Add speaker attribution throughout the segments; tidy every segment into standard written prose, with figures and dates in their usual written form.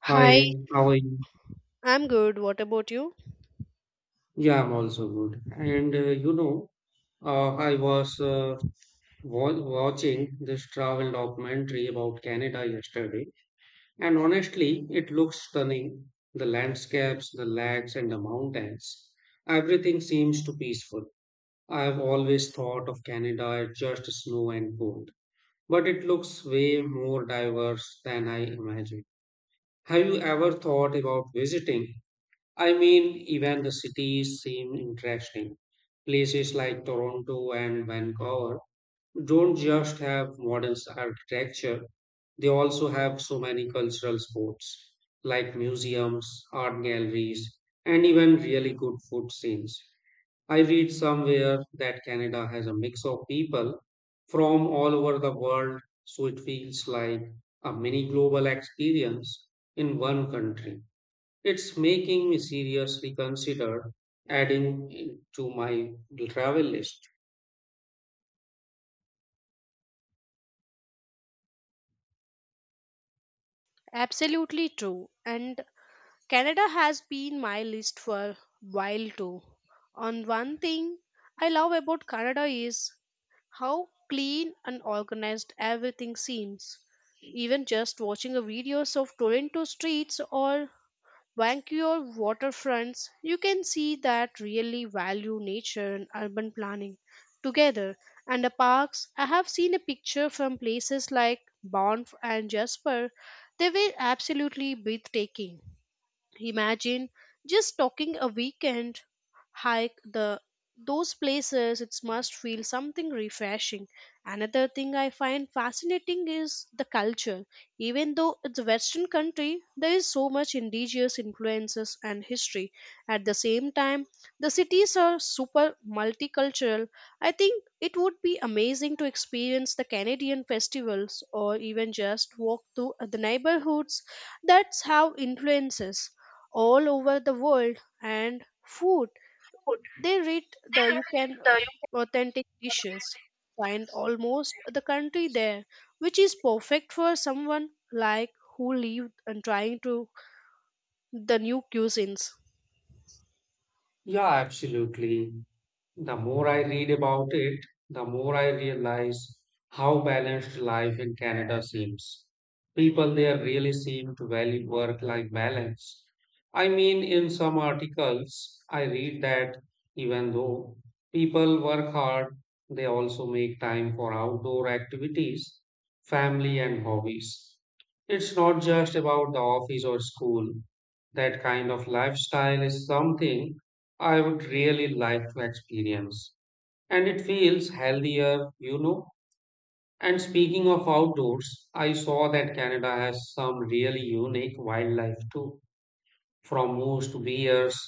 Speaker 1: Hi,
Speaker 2: Hi, how are you?
Speaker 1: I'm good. What about you?
Speaker 2: Yeah, I'm also good. And you know, I was wa watching this travel documentary about Canada yesterday, and honestly, it looks stunning. The landscapes, the lakes, and the mountains. Everything seems to peaceful. I've always thought of Canada as just snow and cold, but it looks way more diverse than I imagined. Have you ever thought about visiting? I mean, even the cities seem interesting. Places like Toronto and Vancouver don't just have modern architecture, they also have so many cultural spots, like museums, art galleries, and even really good food scenes. I read somewhere that Canada has a mix of people from all over the world, so it feels like a mini global experience in one country. It's making me seriously consider adding it to my travel list.
Speaker 1: Absolutely true. And Canada has been my list for a while too. On one thing I love about Canada is how clean and organized everything seems. Even just watching a videos of Toronto streets or Vancouver waterfronts, you can see that really value nature and urban planning together. And the parks, I have seen a picture from places like Banff and Jasper. They were absolutely breathtaking. Imagine just talking a weekend hike the those places, it must feel something refreshing. Another thing I find fascinating is the culture. Even though it's a western country, there is so much indigenous influences and history at the same time. The cities are super multicultural. I think it would be amazing to experience the Canadian festivals or even just walk through the neighborhoods that's have influences all over the world. And food,
Speaker 2: Food.
Speaker 1: they read, the you can
Speaker 2: The you-
Speaker 1: authentic dishes find almost the country there, which is perfect for someone like who lived and trying to the new cuisines.
Speaker 2: Yeah, absolutely. The more I read about it, the more I realize how balanced life in Canada seems. People there really seem to value work life balance. I mean, in some articles, I read that even though people work hard, they also make time for outdoor activities, family, and hobbies. It's not just about the office or school. That kind of lifestyle is something I would really like to experience. And it feels healthier, you know. And speaking of outdoors, I saw that Canada has some really unique wildlife too, from moose to bears.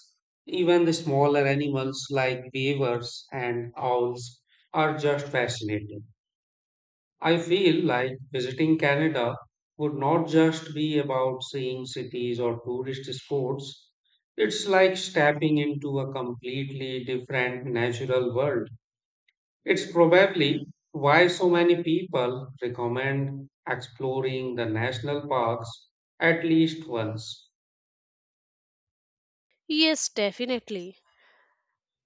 Speaker 2: Even the smaller animals like beavers and owls are just fascinating. I feel like visiting Canada would not just be about seeing cities or tourist spots. It's like stepping into a completely different natural world. It's probably why so many people recommend exploring the national parks at least once.
Speaker 1: Yes, definitely.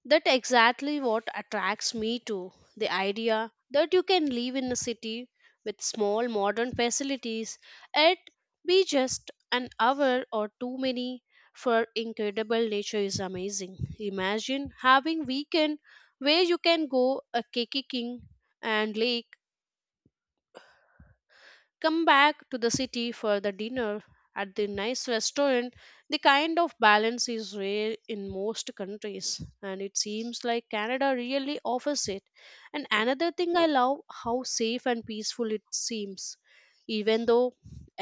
Speaker 1: That exactly what attracts me to the idea that you can live in a city with small modern facilities and be just an hour or too many for incredible nature is amazing. Imagine having weekend where you can go a kicking and lake, come back to the city for the dinner at the nice restaurant. The kind of balance is rare in most countries, and it seems like Canada really offers it. And another thing I love, how safe and peaceful it seems. Even though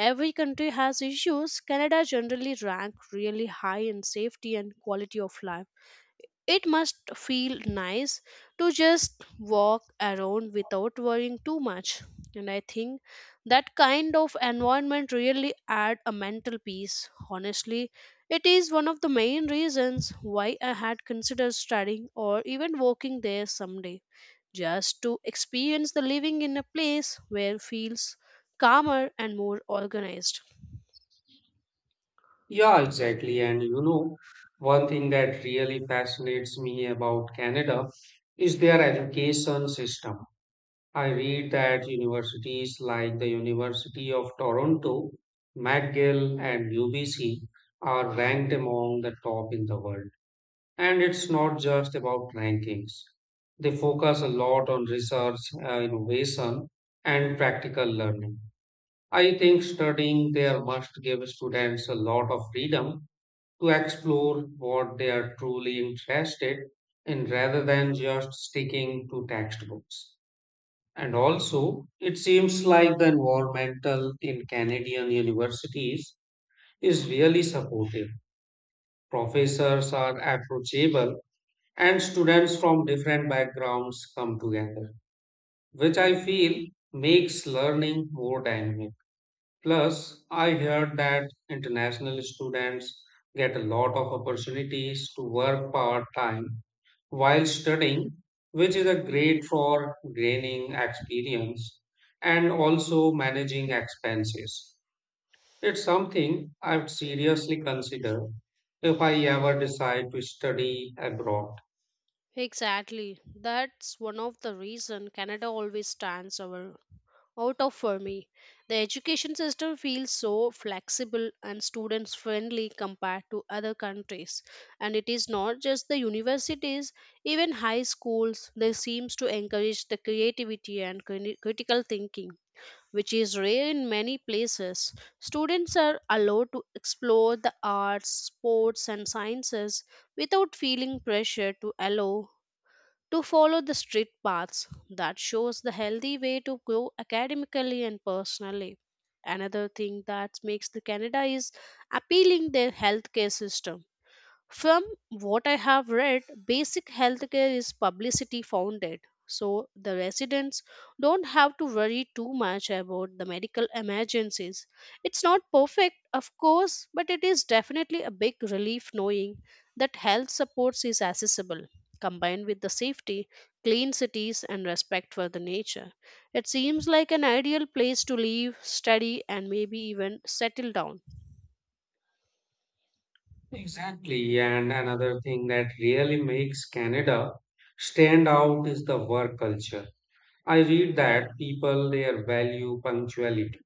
Speaker 1: every country has issues, Canada generally rank really high in safety and quality of life. It must feel nice to just walk around without worrying too much. And I think that kind of environment really add a mental peace. Honestly, it is one of the main reasons why I had considered studying or even working there someday, just to experience the living in a place where feels calmer and more organized.
Speaker 2: Yeah, exactly. And you know, one thing that really fascinates me about Canada is their education system. I read that universities like the University of Toronto, McGill, and UBC are ranked among the top in the world. And it's not just about rankings, they focus a lot on research, innovation, and practical learning. I think studying there must give students a lot of freedom to explore what they are truly interested in rather than just sticking to textbooks. And also, it seems like the environmental in Canadian universities is really supportive. Professors are approachable and students from different backgrounds come together, which I feel makes learning more dynamic. Plus, I heard that international students get a lot of opportunities to work part time while studying, which is a great for gaining experience and also managing expenses. It's something I would seriously consider if I ever decide to study abroad.
Speaker 1: Exactly. That's one of the reason Canada always stands our out of for me. The education system feels so flexible and students friendly compared to other countries. And it is not just the universities, even high schools, they seems to encourage the creativity and critical thinking, which is rare in many places. Students are allowed to explore the arts, sports and sciences without feeling pressure to allow to follow the street paths that shows the healthy way to grow academically and personally. Another thing that makes the Canada is appealing their healthcare system. From what I have read, basic healthcare is publicity founded, so the residents don't have to worry too much about the medical emergencies. It's not perfect, of course, but it is definitely a big relief knowing that health supports is accessible, combined with the safety, clean cities, and respect for the nature. It seems like an ideal place to live, study, and maybe even settle down.
Speaker 2: Exactly. And another thing that really makes Canada stand out is the work culture. I read that people there value punctuality,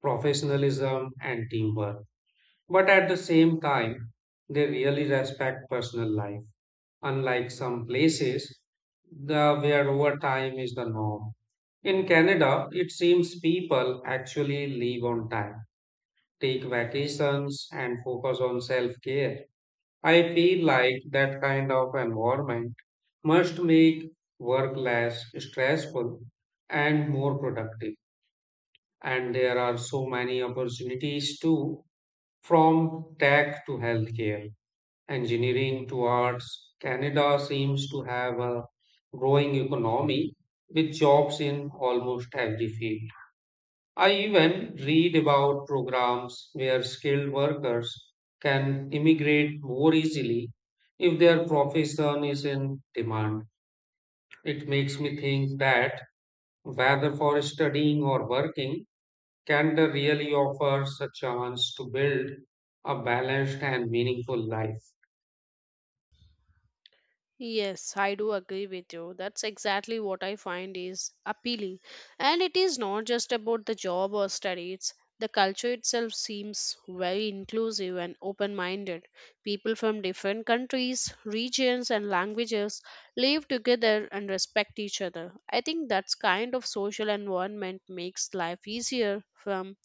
Speaker 2: professionalism, and teamwork. But at the same time, they really respect personal life, unlike some places where overtime is the norm. In Canada, it seems people actually leave on time, take vacations, and focus on self care. I feel like that kind of environment must make work less stressful and more productive. And there are so many opportunities too, from tech to healthcare engineering towards Canada seems to have a growing economy with jobs in almost every field. I even read about programs where skilled workers can immigrate more easily if their profession is in demand. It makes me think that whether for studying or working, Canada really offers a chance to build a balanced and meaningful life.
Speaker 1: Yes, I do agree with you. That's exactly what I find is appealing. And it is not just about the job or study, it's the culture itself seems very inclusive and open minded. People from different countries, regions, and languages live together and respect each other. I think that's kind of social environment makes life easier from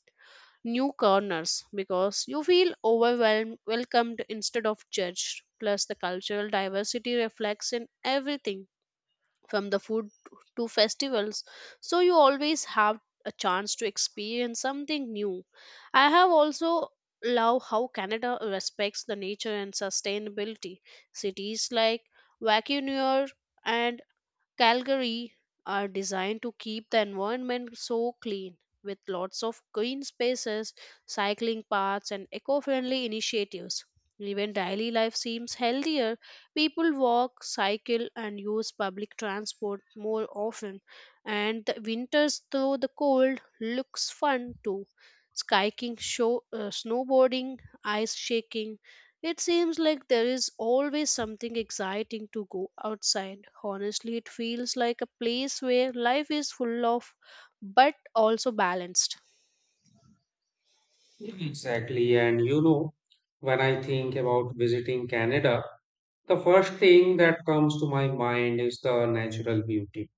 Speaker 1: new corners because you feel overwhelmed, welcomed instead of judged. Plus, the cultural diversity reflects in everything from the food to festivals, so you always have a chance to experience something new. I have also love how Canada respects the nature and sustainability. Cities like Vancouver and Calgary are designed to keep the environment so clean, with lots of green spaces, cycling paths and eco-friendly initiatives. Even daily life seems healthier. People walk, cycle and use public transport more often, and the winters though the cold looks fun too. Skiing, show, snowboarding, ice shaking, it seems like there is always something exciting to go outside. Honestly, it feels like a place where life is full of but also balanced.
Speaker 2: Exactly. And you know, when I think about visiting Canada, the first thing that comes to my mind is the natural beauty.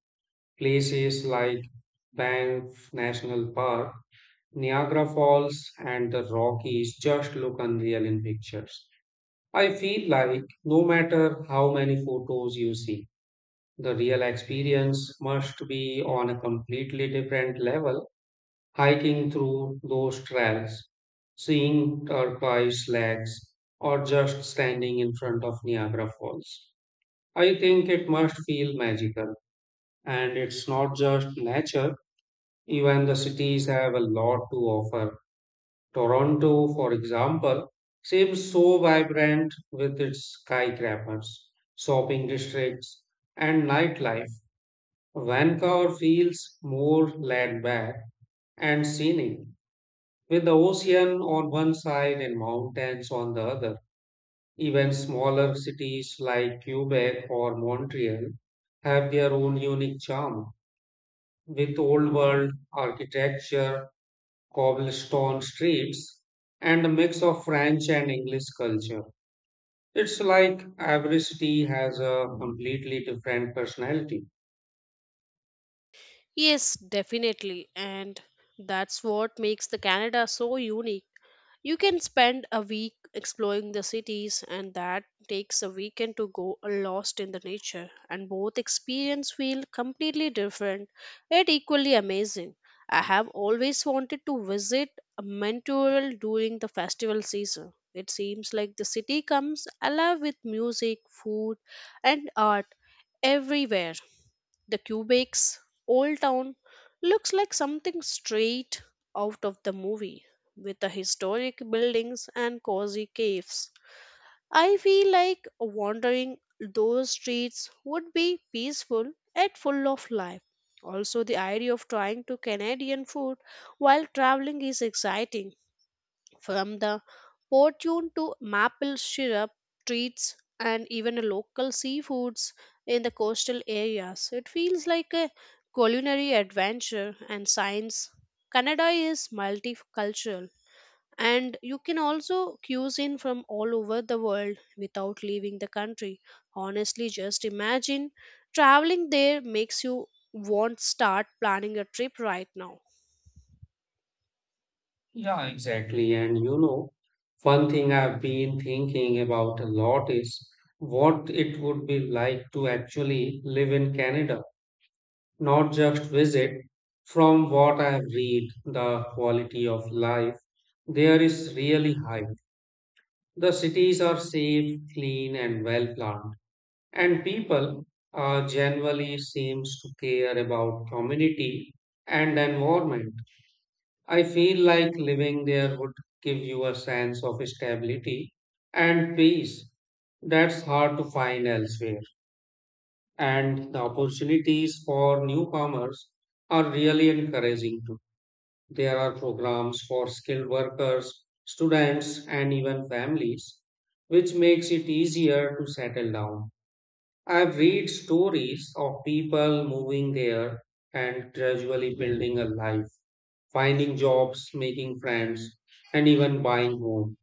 Speaker 2: Places like Banff National Park, Niagara Falls, and the Rockies just look unreal in pictures. I feel like no matter how many photos you see, the real experience must be on a completely different level. Hiking through those trails, seeing turquoise lakes, or just standing in front of Niagara Falls. I think it must feel magical. And it's not just nature, even the cities have a lot to offer. Toronto, for example, seems so vibrant with its skyscrapers, shopping districts, and nightlife. Vancouver feels more laid back and scenic, with the ocean on one side and mountains on the other, even smaller cities like Quebec or Montreal have their own unique charm, with old world architecture, cobblestone streets, and a mix of French and English culture. It's like every city has a completely different personality.
Speaker 1: Yes, definitely. And that's what makes the Canada so unique. You can spend a week exploring the cities, and that takes a weekend to go lost in the nature, and both experience feel completely different yet equally amazing. I have always wanted to visit a Mentoral during the festival season. It seems like the city comes alive with music, food, and art everywhere. The Quebec's old town looks like something straight out of the movie, with the historic buildings and cozy caves. I feel like wandering those streets would be peaceful and full of life. Also, the idea of trying to Canadian food while traveling is exciting, from the fortune to maple syrup, treats, and even local seafoods in the coastal areas. It feels like a culinary adventure and science. Canada is multicultural, and you can also cuisine from all over the world without leaving the country. Honestly, just imagine traveling there makes you want start planning a trip right now.
Speaker 2: Yeah, exactly. And you know, one thing I've been thinking about a lot is what it would be like to actually live in Canada, not just visit. From what I have read, the quality of life there is really high. The cities are safe, clean, and well planned, and people generally seems to care about community and environment. I feel like living there would give you a sense of stability and peace that's hard to find elsewhere. And the opportunities for newcomers are really encouraging too. There are programs for skilled workers, students, and even families, which makes it easier to settle down. I've read stories of people moving there and gradually building a life finding jobs, making friends, and even buying home.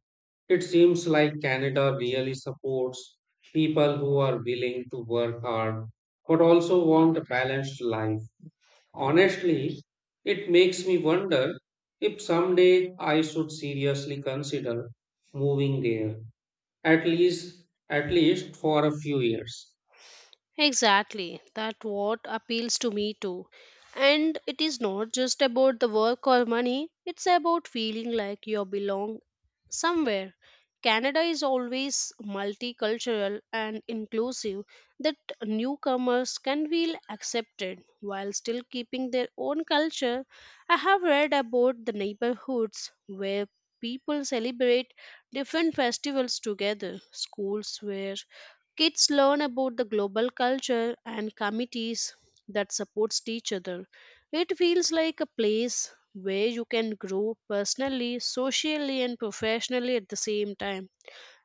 Speaker 2: It seems like Canada really supports people who are willing to work hard but also want a balanced life. Honestly, it makes me wonder if someday I should seriously consider moving there, at least at least for a few years.
Speaker 1: Exactly. That what appeals to me too. And it is not just about the work or money, it's about feeling like you belong somewhere. Canada is always multicultural and inclusive that newcomers can feel accepted while still keeping their own culture. I have read about the neighborhoods where people celebrate different festivals together, schools where kids learn about the global culture and committees that supports each other. It feels like a place where you can grow personally, socially and professionally at the same time.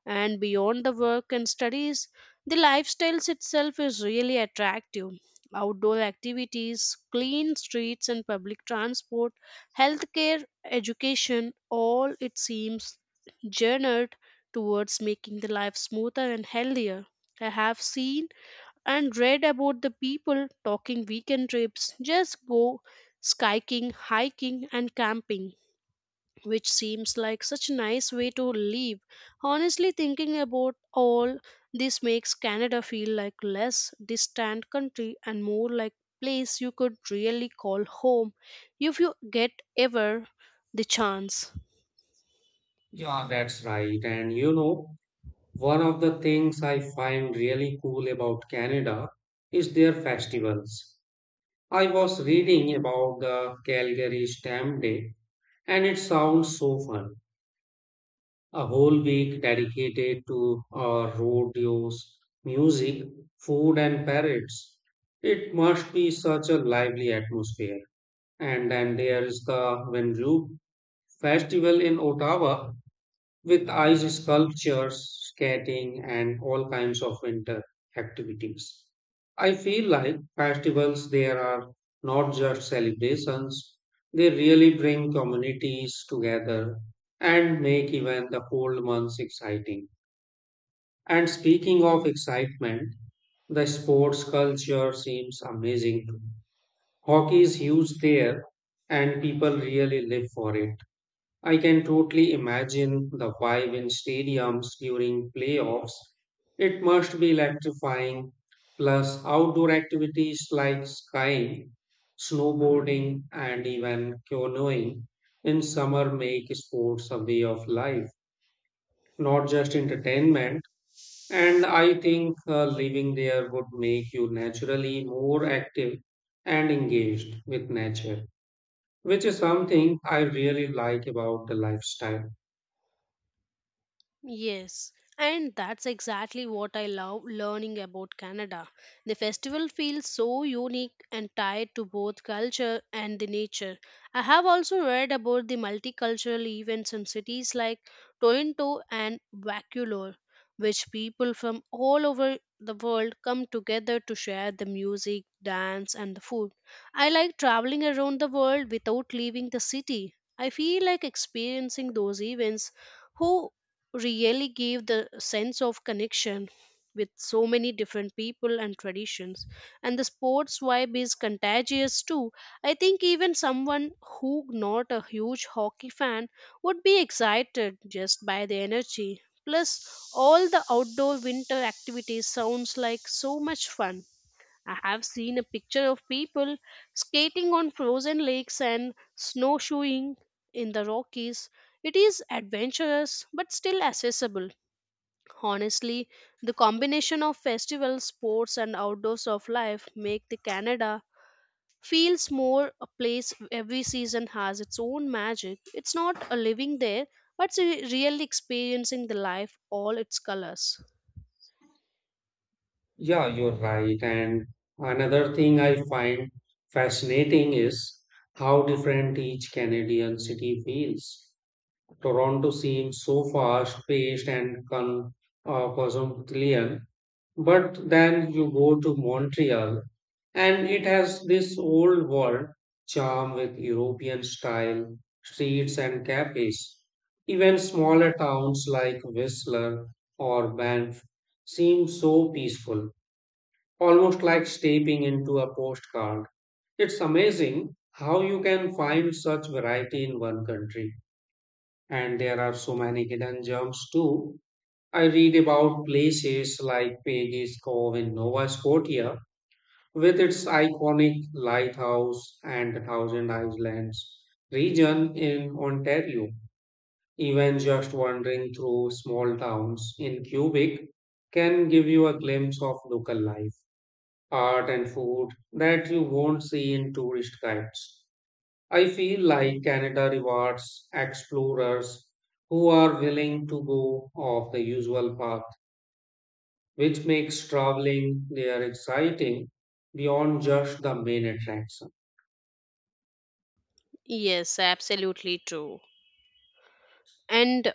Speaker 1: And beyond the work and studies, the lifestyles itself is really attractive. Outdoor activities, clean streets and public transport, healthcare, education, all it seems journeyed towards making the life smoother and healthier. I have seen and read about the people talking weekend trips, just go skiing, hiking, and camping, which seems like such a nice way to live. Honestly, thinking about all this makes Canada feel like less distant country and more like place you could really call home if you get ever the chance.
Speaker 2: Yeah, that's right. And you know, one of the things I find really cool about Canada is their festivals. I was reading about the Calgary Stamp Day and it sounds so fun. A whole week dedicated to rodeos, music, food, and parades. It must be such a lively atmosphere. And then there is the Winroop Festival in Ottawa, with ice sculptures, skating, and all kinds of winter activities. I feel like festivals there are not just celebrations, they really bring communities together and make even the cold months exciting. And speaking of excitement, the sports culture seems amazing too. Hockey is huge there, and people really live for it. I can totally imagine the vibe in stadiums during playoffs. It must be electrifying. Plus, outdoor activities like skiing, snowboarding, and even canoeing in summer make sports a way of life, not just entertainment. And I think living there would make you naturally more active and engaged with nature, which is something I really like about the lifestyle.
Speaker 1: Yes, and that's exactly what I love learning about Canada. The festival feels so unique and tied to both culture and the nature. I have also read about the multicultural events in cities like Toronto and Vancouver, which people from all over the world come together to share the music, dance, and the food. I like traveling around the world without leaving the city. I feel like experiencing those events who really gave the sense of connection with so many different people and traditions. And the sports vibe is contagious too. I think even someone who not a huge hockey fan would be excited just by the energy. Plus, all the outdoor winter activities sounds like so much fun. I have seen a picture of people skating on frozen lakes and snowshoeing in the Rockies. It is adventurous but still accessible. Honestly, the combination of festivals, sports, and outdoors of life make the Canada feels more a place every season has its own magic. It's not a living there, but it's a really experiencing the life all its colors.
Speaker 2: Yeah, you're right. And another thing I find fascinating is how different each Canadian city feels. Toronto seems so fast-paced and con cosmopolitan, but then you go to Montreal, and it has this old world charm with European style streets and cafes. Even smaller towns like Whistler or Banff seem so peaceful almost like stepping into a postcard. It's amazing how you can find such variety in one country. And there are so many hidden gems too. I read about places like Peggy's Cove in Nova Scotia with its iconic lighthouse and the Thousand Islands region in Ontario. Even just wandering through small towns in Quebec can give you a glimpse of local life art and food that you won't see in tourist guides. I feel like Canada rewards explorers who are willing to go off the usual path, which makes traveling there exciting beyond just the main attraction.
Speaker 1: Yes, absolutely true. And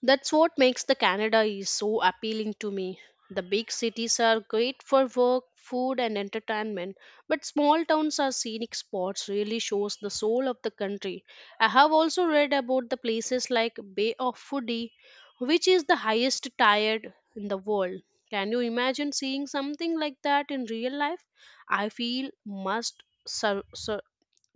Speaker 1: that's what makes the Canada is so appealing to me. The big cities are great for work, food and entertainment, but small towns are scenic spots really shows the soul of the country. I have also read about the places like Bay of Fundy, which is the highest tired in the world. Can you imagine seeing something like that in real life? I feel must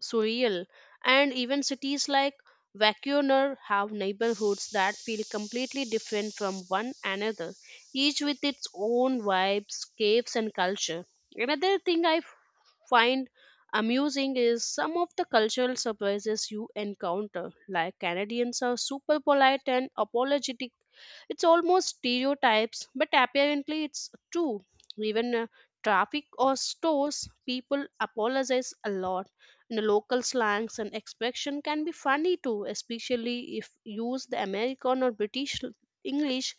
Speaker 1: surreal. And even cities like Vancouver have neighborhoods that feel completely different from one another, each with its own vibes, caves, and culture. Another thing I find amusing is some of the cultural surprises you encounter, like Canadians are super polite and apologetic, it's almost stereotypes, but apparently it's true. Even traffic or stores, people apologize a lot. And the local slangs and expression can be funny too, especially if used the American or British English.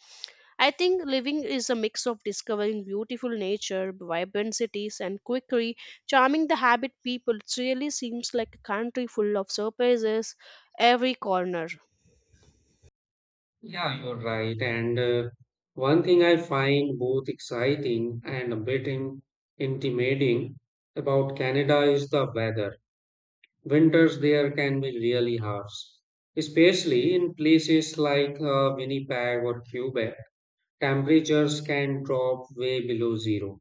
Speaker 1: I think living is a mix of discovering beautiful nature, vibrant cities, and quickly charming the habit people. It really seems like a country full of surprises every corner.
Speaker 2: Yeah, you're right. And one thing I find both exciting and a bit intimidating about Canada is the weather. Winters there can be really harsh, especially in places like Winnipeg or Quebec. Temperatures can drop way below zero,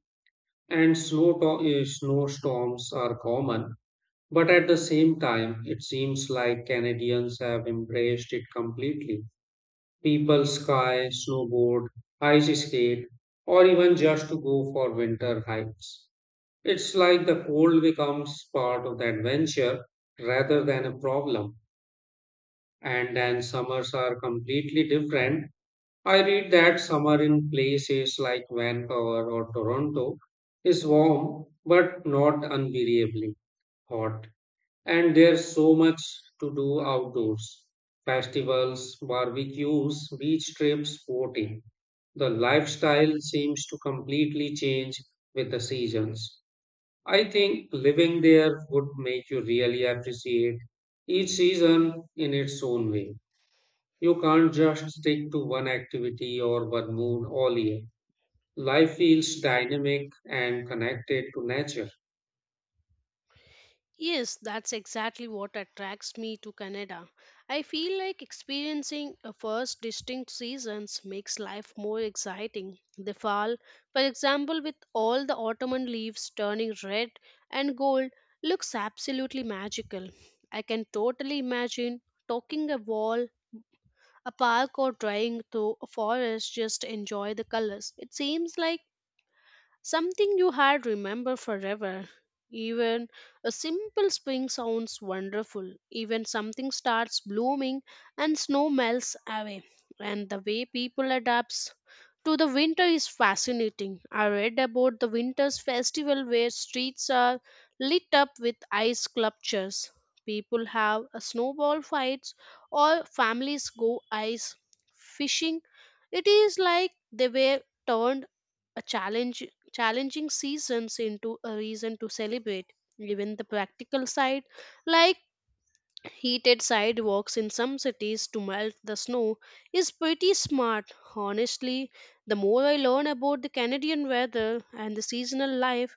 Speaker 2: and snowstorms are common. But at the same time, it seems like Canadians have embraced it completely. People ski, snowboard, ice skate, or even just to go for winter hikes. It's like the cold becomes part of the adventure rather than a problem. And then summers are completely different. I read that summer in places like Vancouver or Toronto is warm but not unbearably hot, and there's so much to do outdoors. Festivals, barbecues, beach trips, boating. The lifestyle seems to completely change with the seasons. I think living there would make you really appreciate each season in its own way. You can't just stick to one activity or one mood all year. Life feels dynamic and connected to nature.
Speaker 1: Yes, that's exactly what attracts me to Canada. I feel like experiencing a first distinct seasons makes life more exciting. The fall, for example, with all the autumn leaves turning red and gold, looks absolutely magical. I can totally imagine talking a wall, a park or driving through a forest just to enjoy the colors. It seems like something you had remember forever. Even a simple spring sounds wonderful. Even something starts blooming and snow melts away. And the way people adapts to the winter is fascinating. I read about the winter's festival where streets are lit up with ice sculptures. People have a snowball fights or families go ice fishing. It is like they were turned a challenge challenging seasons into a reason to celebrate. Even the practical side, like heated sidewalks in some cities to melt the snow, is pretty smart. Honestly, the more I learn about the Canadian weather and the seasonal life,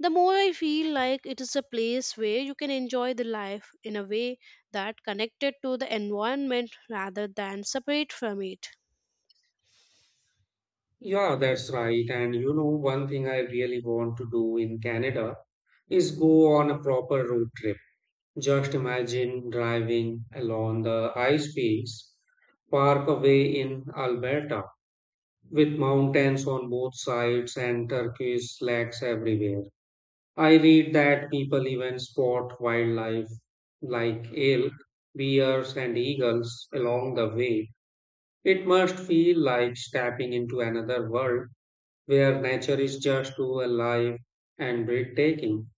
Speaker 1: the more I feel like it is a place where you can enjoy the life in a way that connected to the environment rather than separate from it.
Speaker 2: Yeah, that's right. And you know, one thing I really want to do in Canada is go on a proper road trip. Just imagine driving along the ice fields park away in Alberta with mountains on both sides and turquoise lakes everywhere. I read that people even spot wildlife like elk, bears, and eagles along the way. It must feel like stepping into another world where nature is just too alive and breathtaking.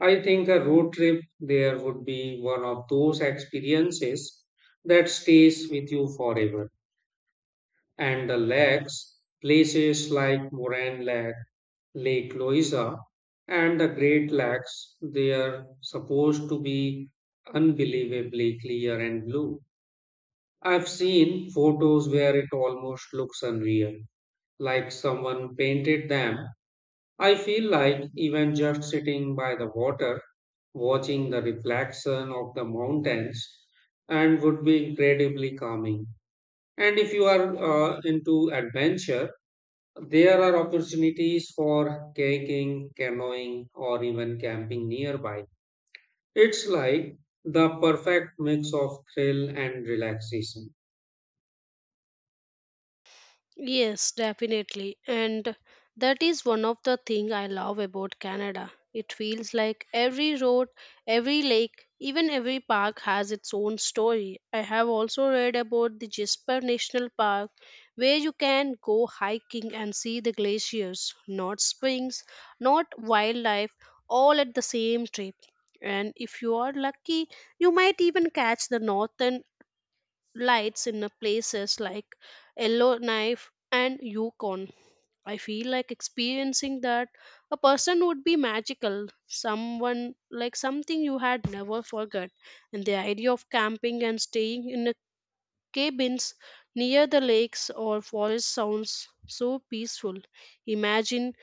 Speaker 2: I think a road trip there would be one of those experiences that stays with you forever. And the lakes, places like Moran Lake Lake Loiza and the Great Lakes, they are supposed to be unbelievably clear and blue. I've seen photos where it almost looks unreal, like someone painted them. I feel like even just sitting by the water, watching the reflection of the mountains, and would be incredibly calming. And if you are into adventure, there are opportunities for kayaking, canoeing, or even camping nearby. It's like the perfect mix of thrill and relaxation.
Speaker 1: Yes, definitely. And that is one of the thing I love about Canada. It feels like every road, every lake, even every park has its own story. I have also read about the Jasper National Park where you can go hiking and see the glaciers, not springs, not wildlife, all at the same trip. And if you are lucky, you might even catch the northern lights in a places like Yellowknife and Yukon. I feel like experiencing that a person would be magical, someone like something you had never forgot. And the idea of camping and staying in a cabins near the lakes or forest sounds so peaceful. Imagine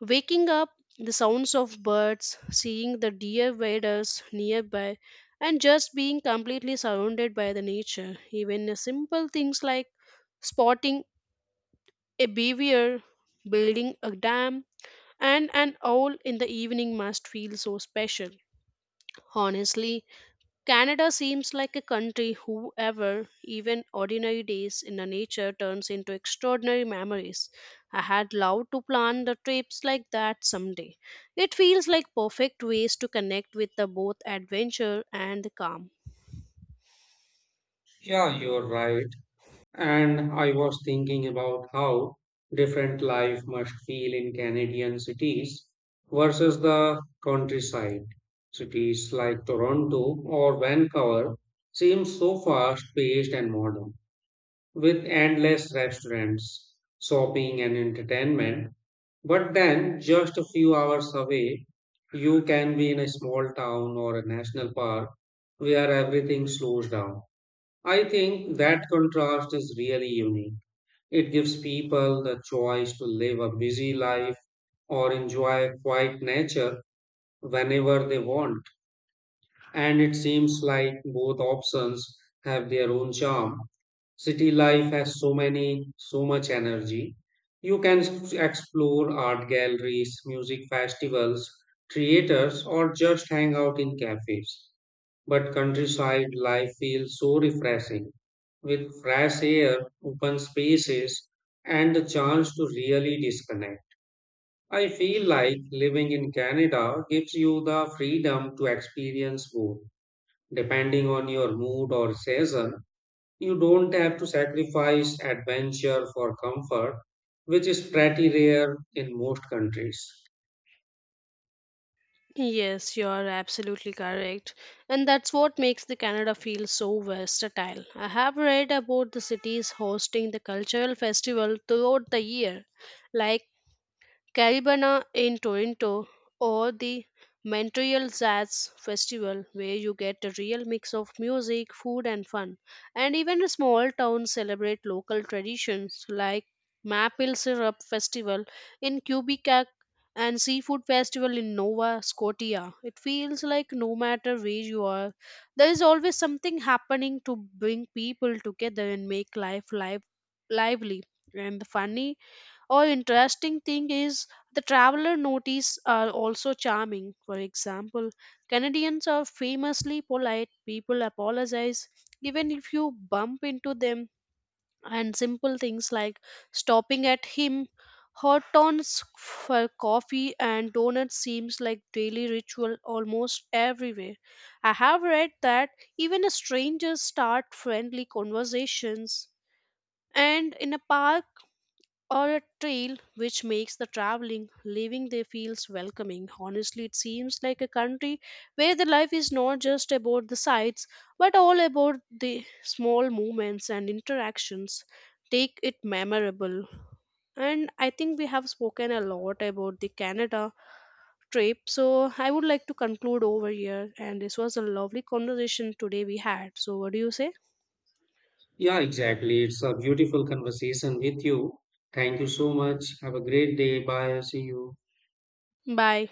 Speaker 1: waking up, the sounds of birds, seeing the deer waders nearby, and just being completely surrounded by the nature. Even simple things like spotting a beaver, building a dam, and an owl in the evening must feel so special. Honestly, Canada seems like a country whoever, even ordinary days in the nature turns into extraordinary memories. I had loved to plan the trips like that someday. It feels like perfect ways to connect with the both adventure and the calm.
Speaker 2: Yeah, you're right. And I was thinking about how different life must feel in Canadian cities versus the countryside. Cities like Toronto or Vancouver seem so fast-paced and modern with endless restaurants, shopping, and entertainment. But then, just a few hours away, you can be in a small town or a national park where everything slows down. I think that contrast is really unique. It gives people the choice to live a busy life or enjoy quiet nature whenever they want and it seems like both options have their own charm. City life has so much energy. You can explore art galleries, music festivals, theaters, or just hang out in cafes. But countryside life feels so refreshing with fresh air, open spaces, and the chance to really disconnect. I feel like living in Canada gives you the freedom to experience both. Depending on your mood or season, you don't have to sacrifice adventure for comfort, which is pretty rare in most countries.
Speaker 1: Yes, you are absolutely correct. And that's what makes the Canada feel so versatile. I have read about the cities hosting the cultural festival throughout the year, like Caribana in Toronto, or the Montreal Jazz Festival, where you get a real mix of music, food, and fun. And even small towns celebrate local traditions like Maple Syrup Festival in Quebec and Seafood Festival in Nova Scotia. It feels like no matter where you are, there is always something happening to bring people together and make life live lively. And the funny or interesting thing is the traveler notice are also charming. For example, Canadians are famously polite. People apologize even if you bump into them, and simple things like stopping at him, hot tons for coffee and donuts seems like daily ritual almost everywhere. I have read that even strangers start friendly conversations and in a park or a trail, which makes the traveling leaving there feels welcoming. Honestly, it seems like a country where the life is not just about the sights but all about the small moments and interactions take it memorable. And I think we have spoken a lot about the Canada trip, so I would like to conclude over here, and this was a lovely conversation today we had. So what do you say?
Speaker 2: Yeah, exactly. It's a beautiful conversation with you. Thank you so much. Have a great day. Bye. See you.
Speaker 1: Bye.